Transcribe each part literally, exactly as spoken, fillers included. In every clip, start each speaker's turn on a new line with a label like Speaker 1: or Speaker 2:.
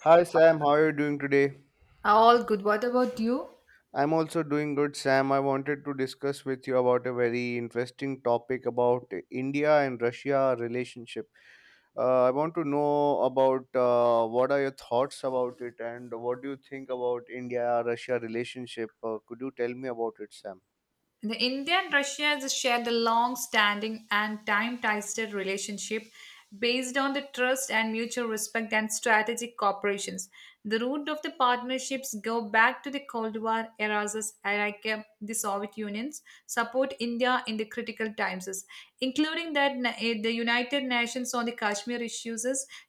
Speaker 1: Hi Sam, how are you doing today?
Speaker 2: All good. What about you?
Speaker 1: I'm also doing good, Sam. I wanted to discuss with you about a very interesting topic about India and Russia relationship. Uh, I want to know about uh, what are your thoughts about it and what do you think about India-Russia relationship? Uh, could you tell me about it, Sam?
Speaker 2: The India and Russia has shared a long standing and time tested relationship based on the trust and mutual respect and strategic cooperations. The root of the partnerships go back to the Cold War eras as Iraq, the Soviet Union's support India in the critical times, including that na- eh, the United Nations on the Kashmir issues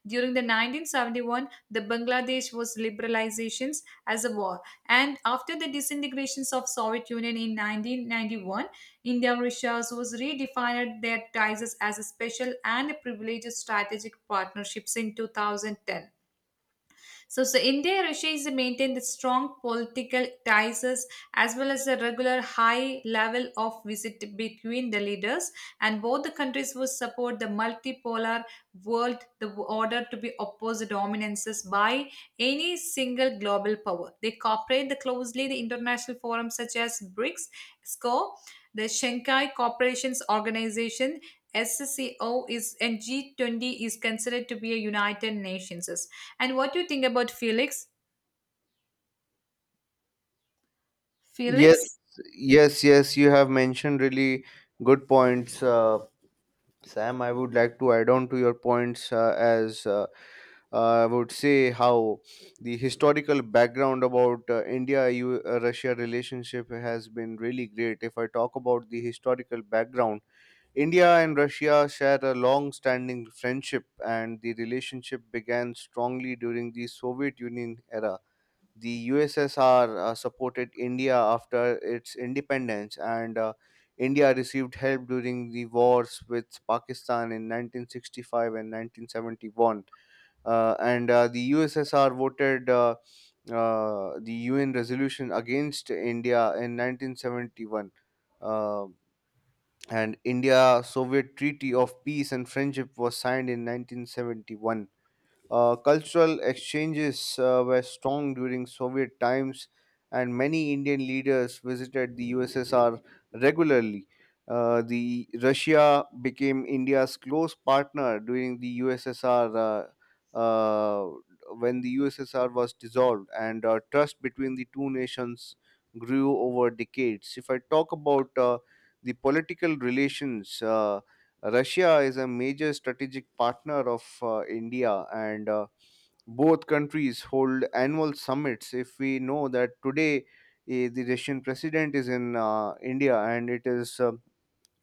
Speaker 2: during the nineteen seventy-one, the Bangladesh was liberalizations as a war. And after the disintegrations of Soviet Union in nineteen ninety-one, India-Russia was redefined their ties as a special and privileged strategic partnerships in twenty ten. So, so India and Russia is maintained the strong political ties as well as a regular high level of visit between the leaders, and both the countries will support the multipolar world the order to be opposed dominances by any single global power. They cooperate the closely the international forums such as BRICS, S C O, the Shanghai Corporations Organization, S C O is and G twenty is considered to be a United Nations. And what do you think about Felix?
Speaker 1: Yes,
Speaker 2: Felix?
Speaker 1: yes, yes. You have mentioned really good points. Uh, Sam, I would like to add on to your points uh, as uh, uh, I would say how the historical background about uh, India U- uh, Russia relationship has been really great. If I talk about the historical background, India and Russia share a long standing friendship, and the relationship began strongly during the Soviet Union era. The U S S R uh, supported India after its independence, and uh, India received help during the wars with Pakistan in nineteen sixty-five and nineteen seventy-one. Uh, and uh, The U S S R voted uh, uh, the U N resolution against India in nineteen seventy-one. Uh, and India Soviet Treaty of Peace and Friendship was signed in nineteen seventy-one. Uh, cultural exchanges uh, were strong during Soviet times, and many Indian leaders visited the U S S R regularly. Uh, the Russia became India's close partner during the U S S R uh, uh, when the U S S R was dissolved, and uh, trust between the two nations grew over decades. If I talk about uh, the political relations. Uh, Russia is a major strategic partner of uh, India, and uh, both countries hold annual summits. If we know that today eh, the Russian president is in uh, India and it is uh,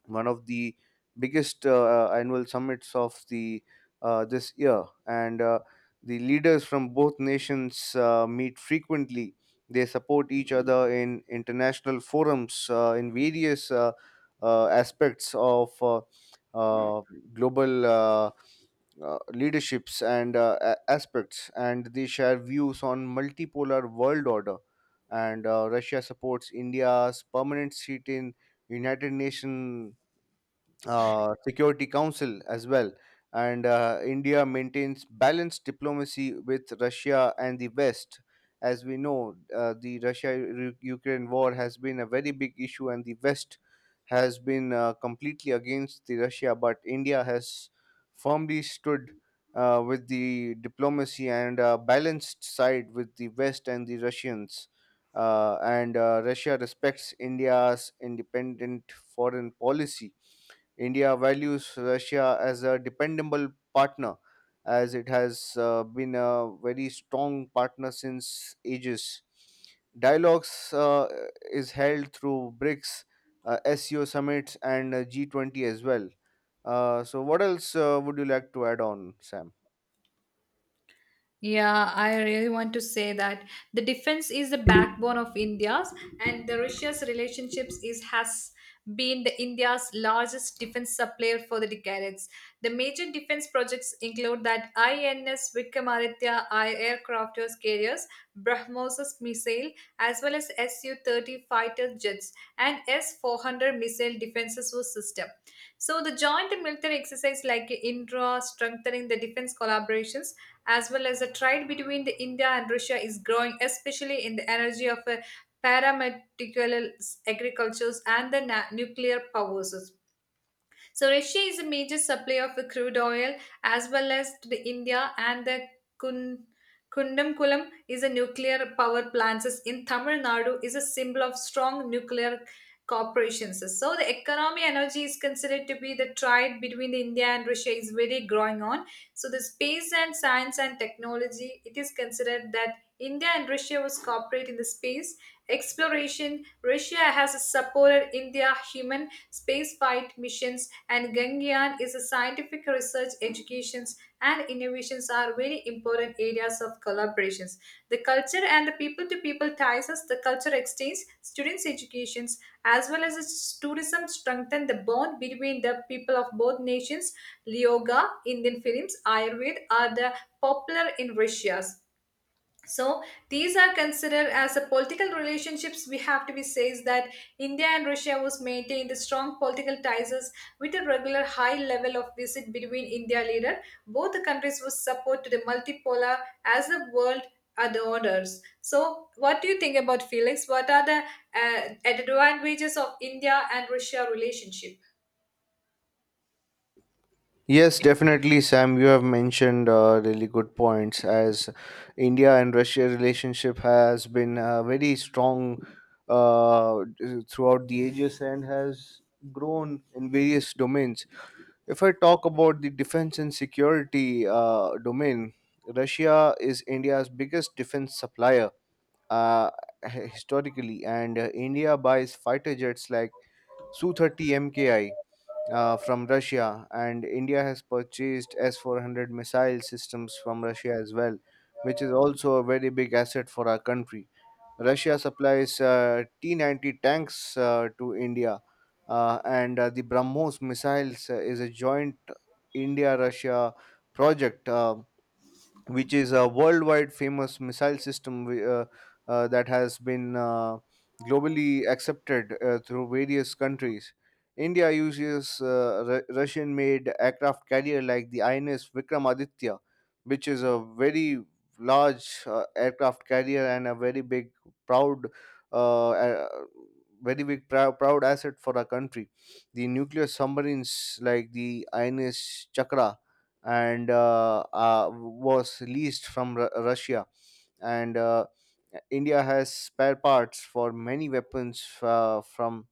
Speaker 1: one of the biggest uh, uh, annual summits of the uh, this year, and uh, the leaders from both nations uh, meet frequently. They support each other in international forums uh, in various uh, uh, aspects of uh, uh, global uh, uh, leaderships and uh, a- aspects, and they share views on multipolar world order, and uh, Russia supports India's permanent seat in United Nations uh, Security Council as well. And uh, India maintains balanced diplomacy with Russia and the West. As we know, uh, the Russia Ukraine war has been a very big issue, and the West has been uh, completely against the Russia. But India has firmly stood uh, with the diplomacy and uh, balanced side with the West and the Russians. Uh, and uh, Russia respects India's independent foreign policy. India values Russia as a dependable partner, as it has uh, been a very strong partner since ages. Dialogues uh, is held through BRICS, uh, S E O summits, and uh, G twenty as well. Uh, so, what else uh, would you like to add on, Sam?
Speaker 2: Yeah, I really want to say that the defense is the backbone of India's, and the Russia's relationships is has been the India's largest defense supplier for the decades. The major defense projects include that I N S Vikramaditya I aircraft carriers, BrahMos missile, as well as su thirty fighter jets and S four hundred missile defense system. So the joint military exercise like Indra strengthening the defense collaborations as well as the trade between the India and Russia is growing, especially in the energy of uh, paramedical agricultures and the na- nuclear powers. So Russia is a major supplier of crude oil as well as to the India and the Kun. Kundamkulam is a nuclear power plant in Tamil Nadu is a symbol of strong nuclear corporations. So the economy energy is considered to be the trade between the India and Russia is very growing on. So the space and science and technology, it is considered that India and Russia was cooperate in the space exploration, Russia has supported India human spaceflight missions, and Gangyan is a scientific research, educations, and innovations are very important areas of collaborations. The culture and the people-to-people ties us, the culture exchange, students' educations, as well as its tourism strengthen the bond between the people of both nations. Yoga, Indian films, Ayurveda are the popular in Russia. So these are considered as the political relationships. We have to be says that India and Russia was maintained strong political ties with a regular high level of visit between India leader. Both the countries was support to the multipolar as the world are the orders. So what do you think about Felix? What are the uh, advantages of India and Russia relationship?
Speaker 1: Yes, definitely, Sam. You have mentioned uh, really good points. As India and Russia relationship has been uh, very strong uh, throughout the ages and has grown in various domains. If I talk about the defense and security uh, domain, Russia is India's biggest defense supplier uh, h- historically, and uh, India buys fighter jets like Su thirty M K I uh, from Russia, and India has purchased S four hundred missile systems from Russia as well, which is also a very big asset for our country. Russia supplies uh, T ninety tanks uh, to India, uh, and uh, the BrahMos missiles uh, is a joint India-Russia project, Uh, which is a worldwide famous missile system wi- uh, uh, that has been uh, globally accepted uh, through various countries. India uses uh, Ru- Russian made aircraft carrier like the I N S Vikramaditya, which is a very large uh, aircraft carrier and a very big, proud. Uh, uh, very big prou- proud asset for our country. The nuclear submarines like the I N S Chakra and uh, uh, was leased from Ru- Russia. And uh, India has spare parts for many weapons uh, from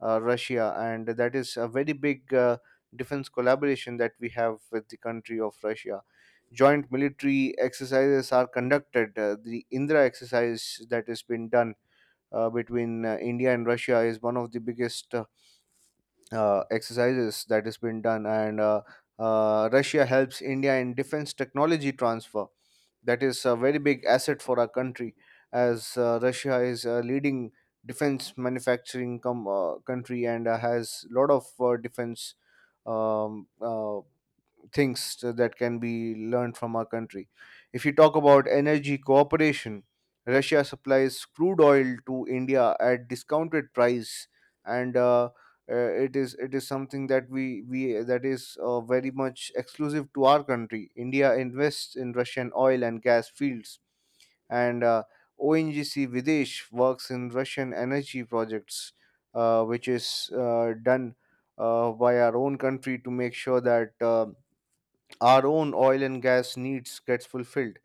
Speaker 1: uh, Russia, and that is a very big uh, defense collaboration that we have with the country of Russia. Joint military exercises are conducted. Uh, the Indra exercise that has been done uh, between uh, India and Russia is one of the biggest uh, uh, exercises that has been done, and uh, uh, Russia helps India in defense technology transfer. That is a very big asset for our country, as uh, Russia is a leading defense manufacturing com- uh, country and uh, has lot of uh, defense um, uh, things uh, that can be learned from our country. If you talk about energy cooperation, Russia supplies crude oil to India at discounted price, and uh, uh, it is it is something that we we that is uh, very much exclusive to our country. India invests in Russian oil and gas fields, and uh, O N G C Videsh works in Russian energy projects, uh, which is uh, done uh, by our own country to make sure that. Uh, our own oil and gas needs gets fulfilled.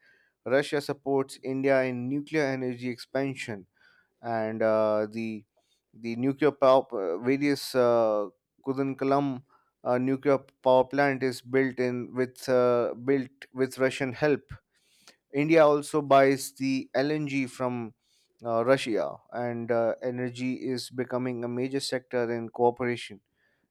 Speaker 1: Russia supports India in nuclear energy expansion, and uh, the the nuclear power uh, various uh, Kudankulam uh, nuclear power plant is built in with uh, built with Russian help. India also buys the L N G from uh, Russia, and uh, energy is becoming a major sector in cooperation.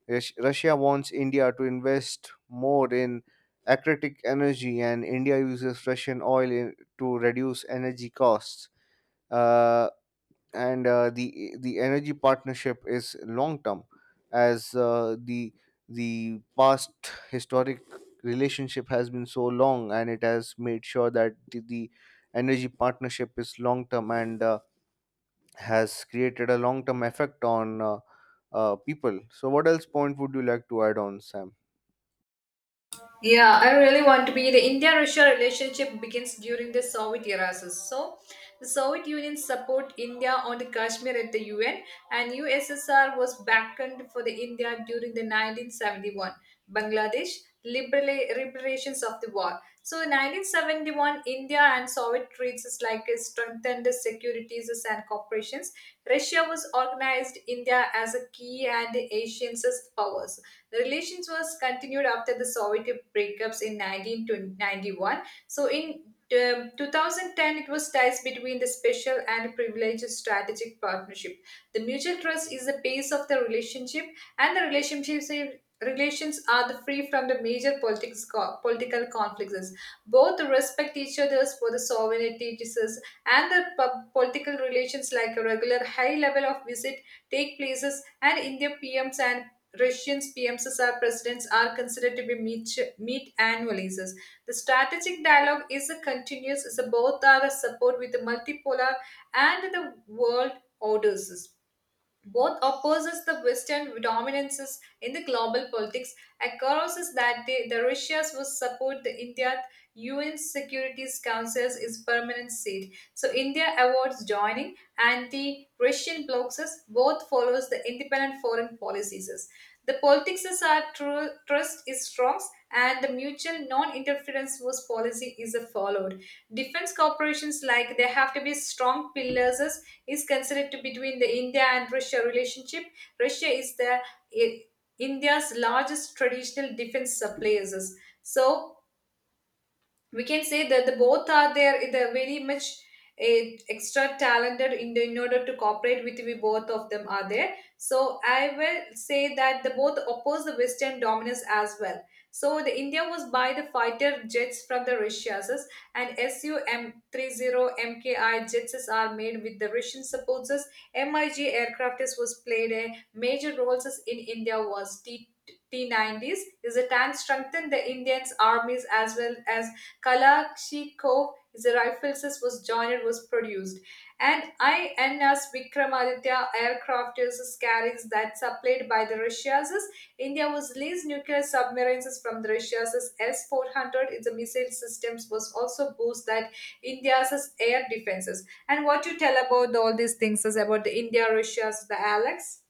Speaker 1: Rus- Russia wants India to invest more in aquatic energy, and India uses Russian oil in, to reduce energy costs. Uh, and uh, The the energy partnership is long term, as uh, the the past historic relationship has been so long, and it has made sure that the, the energy partnership is long term and uh, has created a long term effect on uh, uh, people. So, what else point would you like to add on, Sam?
Speaker 2: Yeah, I really want to be. The India-Russia relationship begins during the Soviet era. So, so the Soviet Union support India on the Kashmir at the U N, and U S S R was backed for the India during the nineteen seventy-one Bangladesh libera- reparations of the war. So in nineteen seventy-one, India and Soviet treaties is like uh, strengthened securities and corporations. Russia was organized India as a key and Asian powers. The relations was continued after the Soviet breakups in nineteen ninety-one. So in um, two thousand ten, it was ties between the special and privileged strategic partnership. The mutual trust is the base of the relationship, and the relationships relations are the free from the major politics, political conflicts. Both respect each other's for the sovereignty disease and the pub- political relations like a regular high level of visit take places, and India P Ms and Russians P Ms are presidents are considered to be meet, meet annually. The strategic dialogue is a continuous, is a both are a support with the multipolar and the world orders, both opposes the Western dominances in the global politics. Acknowledges that the, the Russia's will support the India U N Security Council's is permanent seat. So India avoids joining, and the Russian blocs us, both follows the independent foreign policies. The politics is our tru- trust is strong, and the mutual non-interference was policy is followed. Defense corporations like they have to be strong pillars is is considered to between the India and Russia relationship. Russia is the i- India's largest traditional defense suppliers. So we can say that the both are there. They're very much eh, extra talented in, the, in order to cooperate with we both of them are there. So I will say that the both oppose the Western dominance as well. So the India was by the fighter jets from the Russia's, and Su m thirty mki jets are made with the Russian supports. MiG aircraft was played a major roles in India was t T90s is a tank strengthened the Indians armies as well as Kalashnikov is a rifle sys was joined was produced. And I N S Vikramaditya aircraft uses carriers that supplied by the Russia's. India was leased nuclear submarines from the Russia's S four hundred. Its missile systems was also boost that India's air defenses. And what you tell about all these things is about the India Russia's the Alex?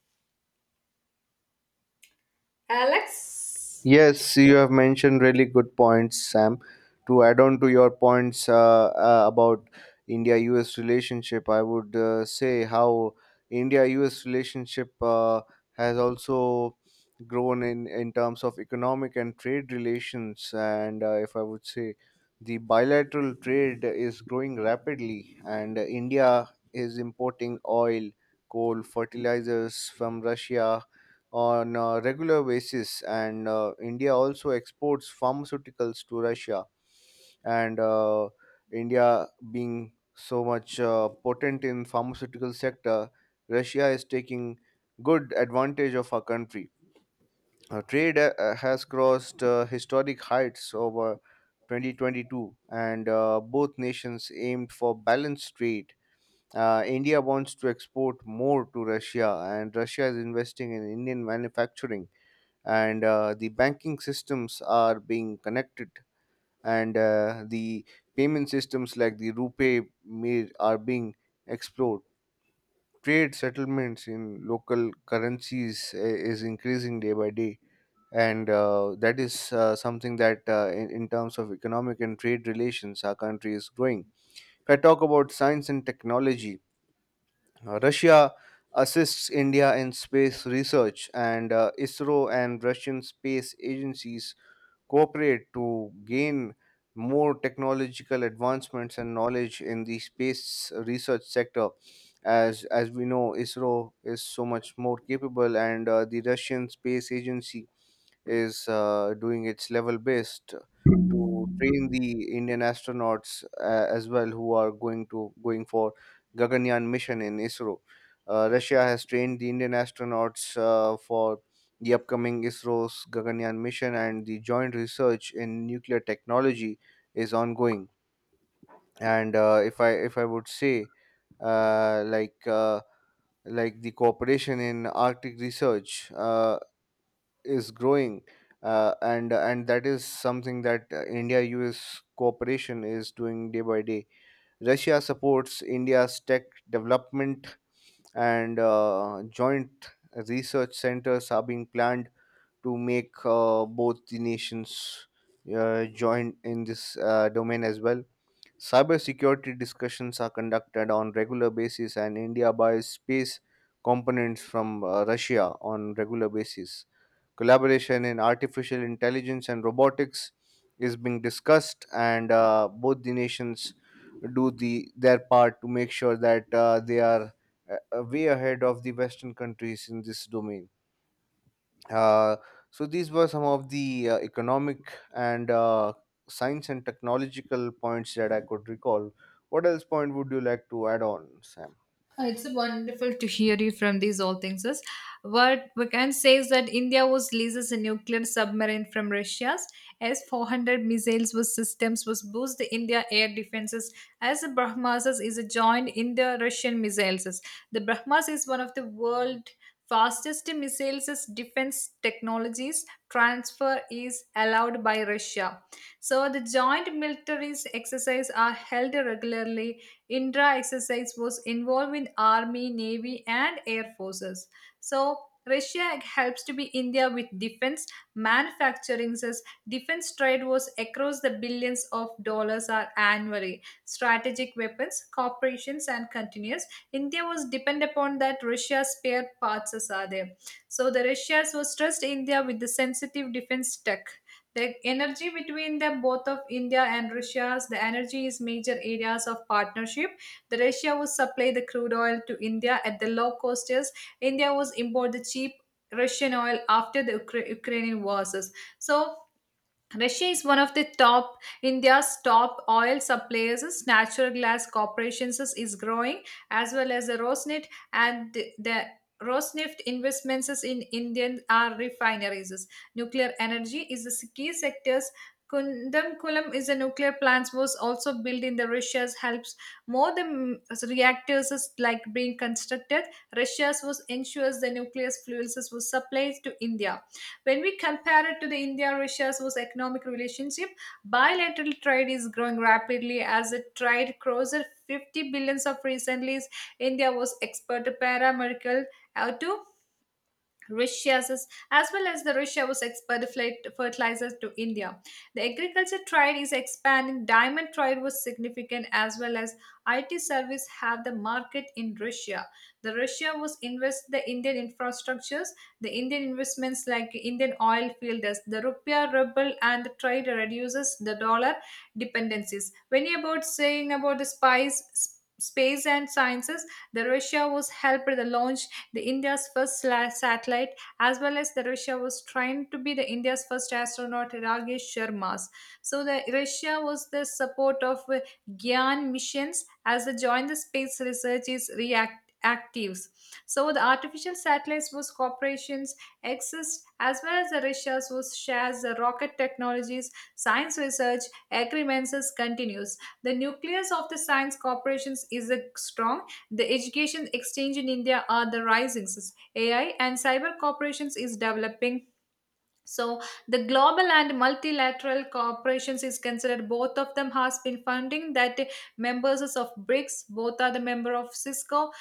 Speaker 2: Alex?
Speaker 1: Yes, you have mentioned really good points, Sam. To add on to your points uh, uh, about India U S relationship, I would uh, say how India U S relationship uh, has also grown in, in terms of economic and trade relations. And uh, if I would say, the bilateral trade is growing rapidly, and India is importing oil, coal, fertilizers from Russia on a regular basis, and uh, India also exports pharmaceuticals to Russia, and uh, India being so much uh, potent in pharmaceutical sector, Russia is taking good advantage of our country. Uh, trade uh, uh, has crossed uh, historic heights over twenty twenty-two, and uh, both nations aimed for balanced trade. Uh, india wants to export more to Russia, and Russia is investing in Indian manufacturing, and uh, the banking systems are being connected, and uh, the payment systems like the rupee mir- are being explored. Trade settlements in local currencies i- is increasing day by day, and uh, that is uh, something that uh, in, in terms of economic and trade relations our country is growing. If I talk about science and technology, uh, Russia assists India in space research, and uh, ISRO and Russian space agencies cooperate to gain more technological advancements and knowledge in the space research sector. As as we know, ISRO is so much more capable, and uh, the Russian space agency is uh, doing its level best to train the Indian astronauts uh, as well, who are going to going for Gaganyaan mission in ISRO. Uh, russia has trained the Indian astronauts uh, for the upcoming ISRO's Gaganyaan mission, and the joint research in nuclear technology is ongoing. And uh, if I if I would say, uh, like uh, like the cooperation in Arctic research uh, is growing, uh, and and that is something that uh, India-U S cooperation is doing day by day. Russia supports India's tech development, and uh, joint research centers are being planned to make uh, both the nations uh, join in this uh, domain as well. Cybersecurity discussions are conducted on regular basis, and India buys space components from uh, Russia on regular basis. Collaboration in artificial intelligence and robotics is being discussed, and uh, both the nations do the their part to make sure that uh, they are uh, uh, way ahead of the Western countries in this domain. Uh, so these were some of the uh, economic and uh, science and technological points that I could recall. What else point would you like to add on, Sam?
Speaker 2: Uh, It's wonderful to hear you from these all things. Is. What we can say is that India was leases a nuclear submarine from Russia's S four hundred missiles was systems was boost the India air defenses as the Brahmas is a joint India-Russian missiles. The Brahmas is one of the world fastest missiles defense technologies transfer is allowed by Russia. So the joint military exercises are held regularly. Indra exercise was involved in army, navy, and air forces. So Russia helps to be India with defense manufacturing. Says defense trade was across the billions of dollars are annually. Strategic weapons, corporations, and continuous. India was depend upon that Russia spare parts as are there. So the Russians was trust India with the sensitive defense tech. The energy between the both of India and Russia's the energy is major areas of partnership. The Russia would supply the crude oil to India at the low costs. India was import the cheap Russian oil after the Ukra- Ukrainian wars. So Russia is one of the top India's top oil suppliers. Natural gas corporations is is growing as well as the Rosneft and the, the Rosneft investments is in Indian are refineries. Nuclear energy is the key sectors. Kundankulam is a nuclear plant was also built in the Russia's helps, more than reactors is like being constructed. Russia's was ensures the nuclear fuels was supplied to India. When we compare it to the India-Russia source economic relationship, bilateral trade is growing rapidly as it trade crossed fifty billions of recently. India was export paramedical uh, to rishas is- as well as the Russia was export fertilizers to India. The agriculture trade is expanding. Diamond trade was significant as well as I T service have the market in Russia. The Russia was invest the Indian infrastructures, the Indian investments like Indian oil fields, the rupiah ruble and the trade reduces the dollar dependencies. When you about saying about the spice space and sciences, the Russia was helped the launch the India's first sla- satellite, as well as the Russia was trying to be the India's first astronaut Rakesh Sharma's. So the Russia was the support of uh, Gyan missions as they joined the space research is react actives. So the artificial satellites was corporations exist as well as the Russia's was shares the rocket technologies, science research agreements is continues. The nucleus of the science corporations is a strong the education exchange in India are the rising s- A I and cyber corporations is developing. So the global and multilateral corporations is considered both of them has been funding that members of BRICS, both are the member of Cisco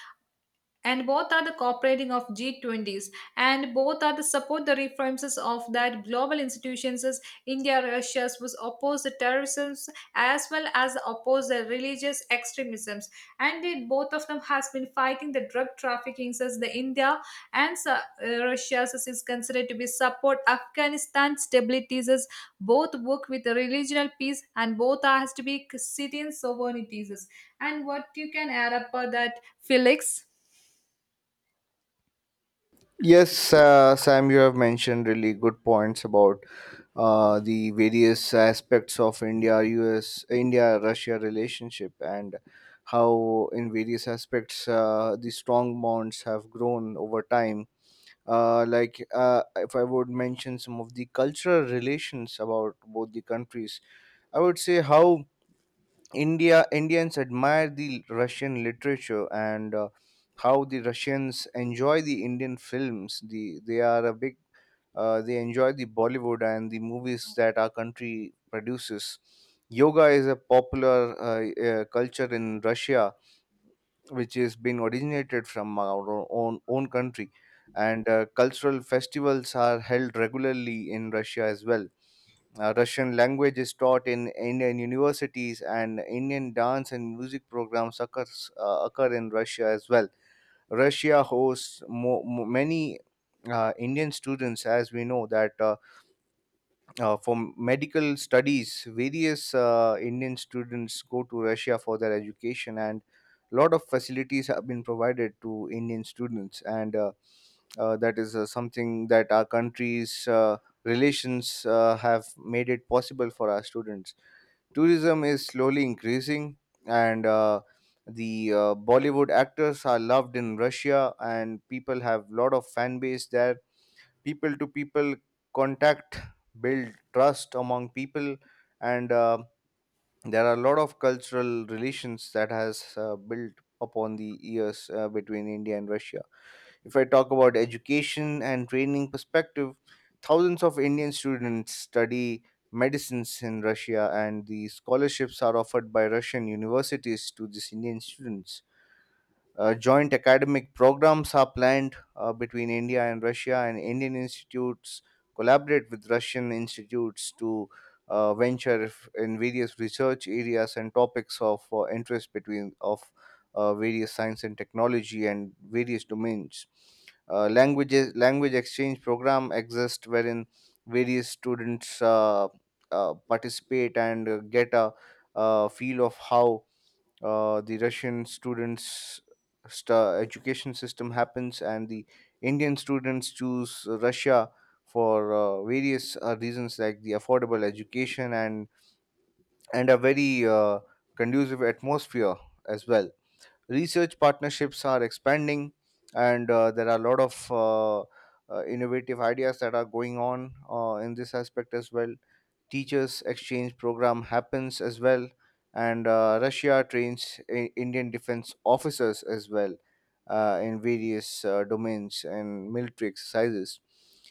Speaker 2: and both are the cooperating of G twenty s, and both are the support the reforms of that global institutions. As India, Russia was oppose the terrorism as well as oppose the religious extremisms, and it, both of them has been fighting the drug trafficking. As the India and uh, Russia as is considered to be support Afghanistan stabilities. As both work with the regional peace, and both are has to be sitting sovereignties. And what you can add up for that, Felix?
Speaker 1: Yes, uh, Sam, you have mentioned really good points about uh, the various aspects of India, U S, India, Russia relationship, and how in various aspects uh, the strong bonds have grown over time. Uh, like uh, if I would mention some of the cultural relations about both the countries, I would say how india Indians admire the Russian literature, and uh, how the Russians enjoy the Indian films. The they are a big uh, They enjoy the Bollywood and the movies that our country produces. Yoga is a popular uh, uh, culture in Russia, which has been originated from our own own country, and uh, cultural festivals are held regularly in Russia as well. Uh, Russian language is taught in Indian universities, and Indian dance and music programs occurs, uh, occur in Russia as well. Russia hosts mo- mo- many uh, Indian students, as we know that. Uh, uh, for medical studies, various uh, Indian students go to Russia for their education, and a lot of facilities have been provided to Indian students, and uh, uh, that is uh, something that our country's uh, relations uh, have made it possible for our students. Tourism is slowly increasing, and uh, the uh, Bollywood actors are loved in Russia, and people have lot of fan base there. People to people contact build trust among people, and uh, there are a lot of cultural relations that has uh, built upon the years uh, between India and Russia. If I talk about education and training perspective, thousands of Indian students study medicines in Russia, and the scholarships are offered by Russian universities to these Indian students. Uh, joint academic programs are planned uh, between India and Russia, and Indian institutes collaborate with Russian institutes to uh, venture f- in various research areas and topics of uh, interest between of uh, various science and technology and various domains. Uh, languages language exchange program exist, wherein various students uh, uh, participate and uh, get a uh, feel of how uh, the Russian students sta education system happens, and the Indian students choose Russia for uh, various uh, reasons like the affordable education and and a very uh, conducive atmosphere as well. Research partnerships are expanding, and uh, there are a lot of uh, uh, innovative ideas that are going on uh, in this aspect as well. Teachers exchange program happens as well, and uh, Russia trains I- Indian defense officers as well uh, in various uh, domains and military exercises.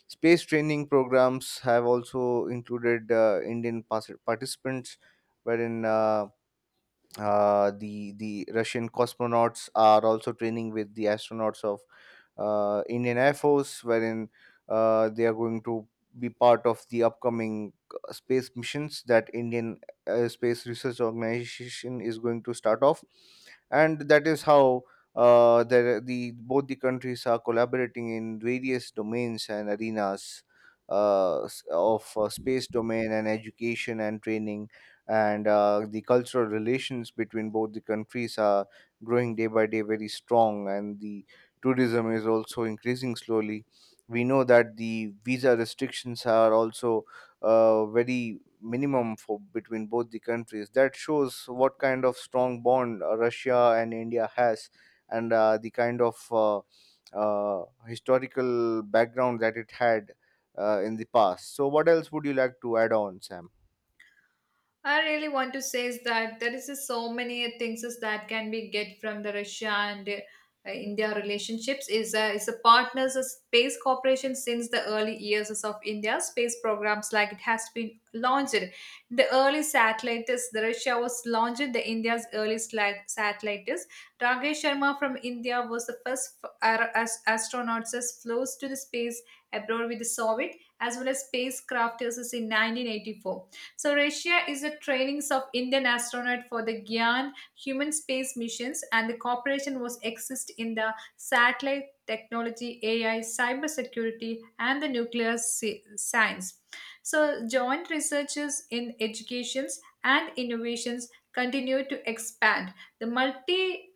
Speaker 1: Space training programs have also included uh, Indian pas- participants, wherein uh, uh, the the russian cosmonauts are also training with the astronauts of uh, Indian Air Force, wherein uh, they are going to be part of the upcoming uh, space missions that Indian uh, Space Research Organization is going to start off, and that is how uh, the the both the countries are collaborating in various domains and arenas, uh, s- of uh, space domain and education and training, and uh, the cultural relations between both the countries are growing day by day very strong, and the tourism is also increasing slowly. We know that the visa restrictions are also uh, very minimum for between both the countries. That shows what kind of strong bond uh, Russia and India has, and uh, the kind of uh, uh, historical background that it had uh, in the past. So, what else would you like to add on, Sam?
Speaker 2: I really want to say is that there is just so many things is that can be get from the Russia and uh, India relationships is a, is a partners of space cooperation since the early years of India's space programs like it has been launched. The early satellites, the Russia was launched the India's early sla- satellites. Rakesh Sharma from India was the first f- ar- as- astronauts as flows to the space abroad with the Soviet as well as spacecraft in nineteen eighty-four. So Russia is the trainings of Indian astronaut for the Gyan human space missions, and the cooperation was exist in the satellite technology, A I, cyber security, and the nuclear sci- science. So joint researches in educations and innovations continue to expand. The multi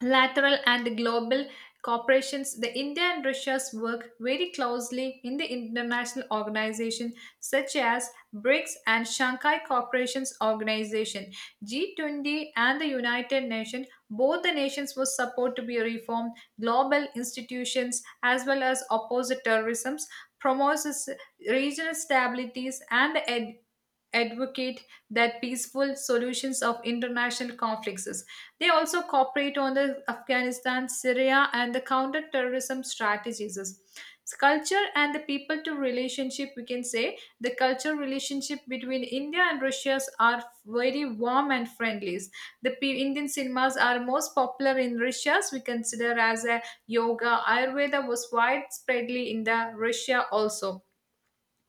Speaker 2: lateral and global corporations, the India and Russia's work very closely in the international organizations such as BRICS and Shanghai Corporations Organization, G twenty and the United Nations. Both the nations were supposed to be reformed global institutions as well as oppose terrorism, promotes regional stabilities and ed- advocate that peaceful solutions of international conflicts. They also cooperate on the Afghanistan, Syria, and the counter-terrorism strategies. It's culture and the people to relationship, we can say the culture relationship between India and Russia are very warm and friendly. The pe- Indian cinemas are most popular in Russia. We consider as a yoga. Ayurveda was widespreadly in the Russia also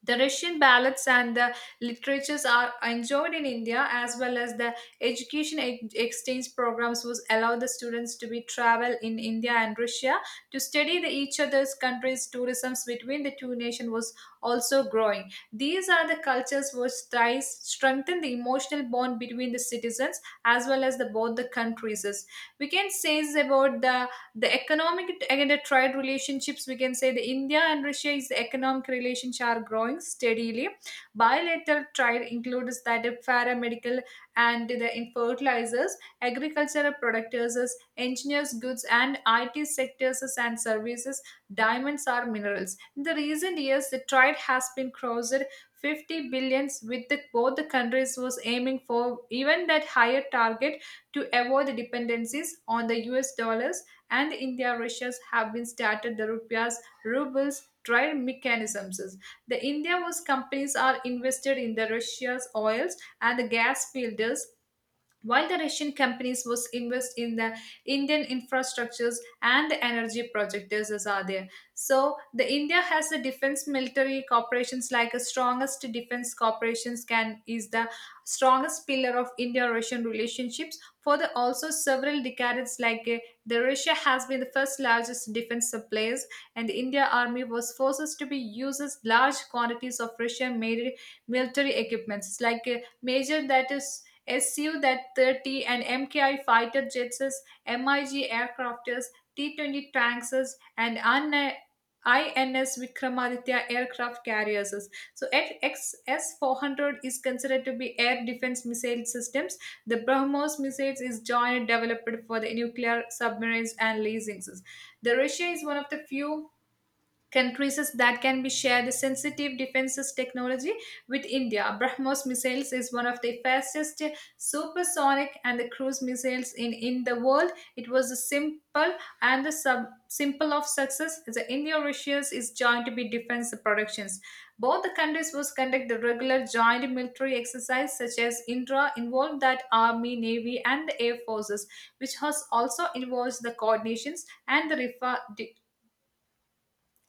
Speaker 2: the Russian ballads and the literatures are enjoyed in India as well as the education ex- exchange programs which allow the students to be travel in India and Russia to study the each other's countries tourism between the two nations was also growing. These are the cultures which ties strengthen the emotional bond between the citizens as well as the both the countries. We can say is about the the economic again the trade relationships. We can say the India and Russia is the economic relations are growing steadily. Bilateral trade includes that the paramedical and the in fertilizers, agricultural producers, engineers goods and IT sectors and services, diamonds are minerals. In the recent years the trade has been crossed fifty billions with the, both the countries was aiming for even that higher target. To avoid the dependencies on the US dollars, and India Russia's have been started the rupiah's rubles trade mechanisms. The India was companies are invested in the Russia's oils and the gas fields, while the Russian companies was invest in the Indian infrastructures and the energy projects as are there. So the India has the defense military corporations. Like the strongest defense corporations can is the strongest pillar of India Russian relationships for the also several decades, like uh, the Russia has been the first largest defense suppliers, and the India army was forces to be uses large quantities of Russia made military equipments, like uh, major that is Su that thirty and M K I fighter jets, MiG aircrafters, T twenty tanks, and un- I N S Vikramaditya aircraft carriers. So X S four hundred is considered to be air defense missile systems. The BrahMos missiles is jointly developed for the nuclear submarines and leasing. The Russia is one of the few countries that can be shared the sensitive defenses technology with India. BrahMos missiles is one of the fastest supersonic and the cruise missiles in, in the world. It was a simple and the sub simple of success. The India Russia's is joined to be defense productions. Both the countries was conduct the regular joint military exercise such as Indra involved that army, navy and the air forces, which has also involves the coordinations and the refer-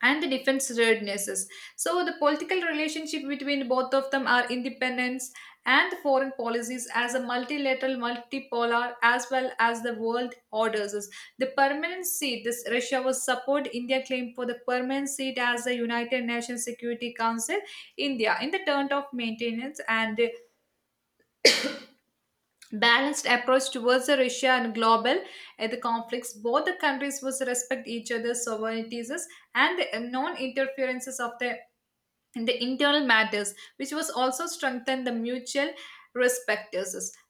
Speaker 2: and the defense readnesses. So the political relationship between both of them are independence and foreign policies as a multilateral, multipolar, as well as the world orders. The permanent seat, this Russia was support India claim for the permanent seat as the United Nations Security Council. India in the turn of maintenance and balanced approach towards the Russia and global uh, the conflicts. Both the countries must respect each other's sovereignties and the non-interferences of the in the internal matters, which was also strengthened the mutual respect.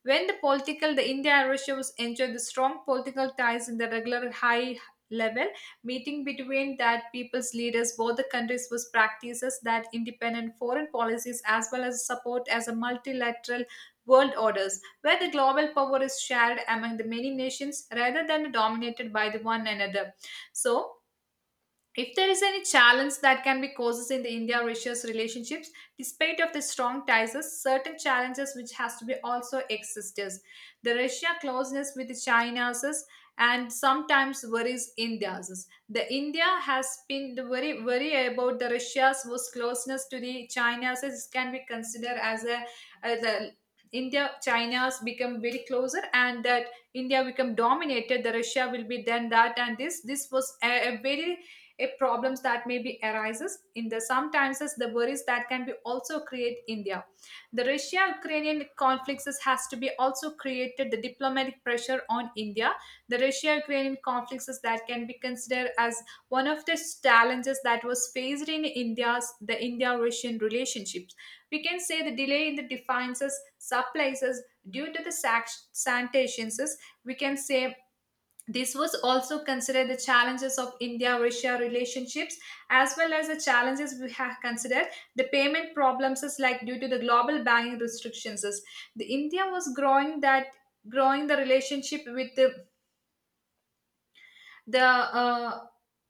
Speaker 2: When the political, the India and Russia was enjoyed the strong political ties in the regular high level meeting between that people's leaders, both the countries was practices that independent foreign policies as well as support as a multilateral world orders where the global power is shared among the many nations rather than dominated by the one another. So if there is any challenge that can be causes in the India Russia's relationships, despite of the strong ties, certain challenges which has to be also exists. The Russia closeness with China's and sometimes worries India's. The India has been the very worry about the Russia's was closeness to the China's is can be considered as a, as a India, China's become very closer, and that India become dominated. The Russia will be then that, and this this was a, a very a problems that may be arises in the sometimes is the worries that can be also create India. The Russia Ukrainian conflicts is- has to be also created the diplomatic pressure on India. The Russia Ukrainian conflicts is that can be considered as one of the challenges that was faced in India's the India Russian relationships. We can say the delay in the defenses supplies is due to the sac- sanitations is, we can say, this was also considered the challenges of India-Russia relationships, as well as the challenges we have considered the payment problems is like due to the global banking restrictions. Is. The India was growing that growing the relationship with the the uh,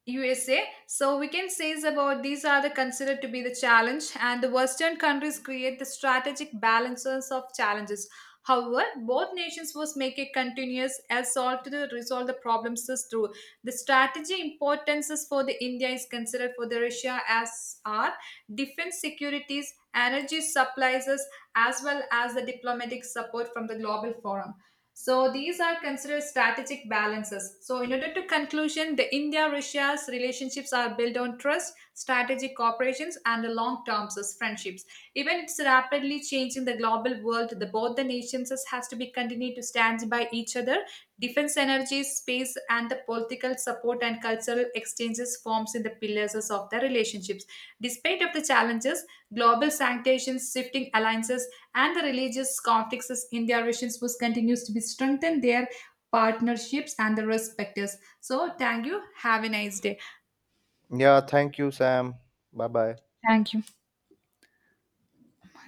Speaker 2: U S A. So we can say is about these are the considered to be the challenge, and the Western countries create the strategic balances of challenges. However, both nations must make a continuous assault to resolve the problems is through the strategy importances for the India is considered for the Russia as are defense securities, energy supplies, as well as the diplomatic support from the global forum. So these are considered strategic balances. So in order to conclusion, the India-Russia's relationships are built on trust, strategic cooperations, and the long-term friendships. Even it's rapidly changing the global world, the both the nations has to be continued to stand by each other. Defense energy, space, and the political support and cultural exchanges forms in the pillars of the relationships. Despite of the challenges, global sanctions, shifting alliances, and the religious conflicts in their relationships continues to be strengthened their partnerships and the respecters, so thank you, have a nice day.
Speaker 1: Yeah, thank you, Sam. Bye bye.
Speaker 2: Thank you.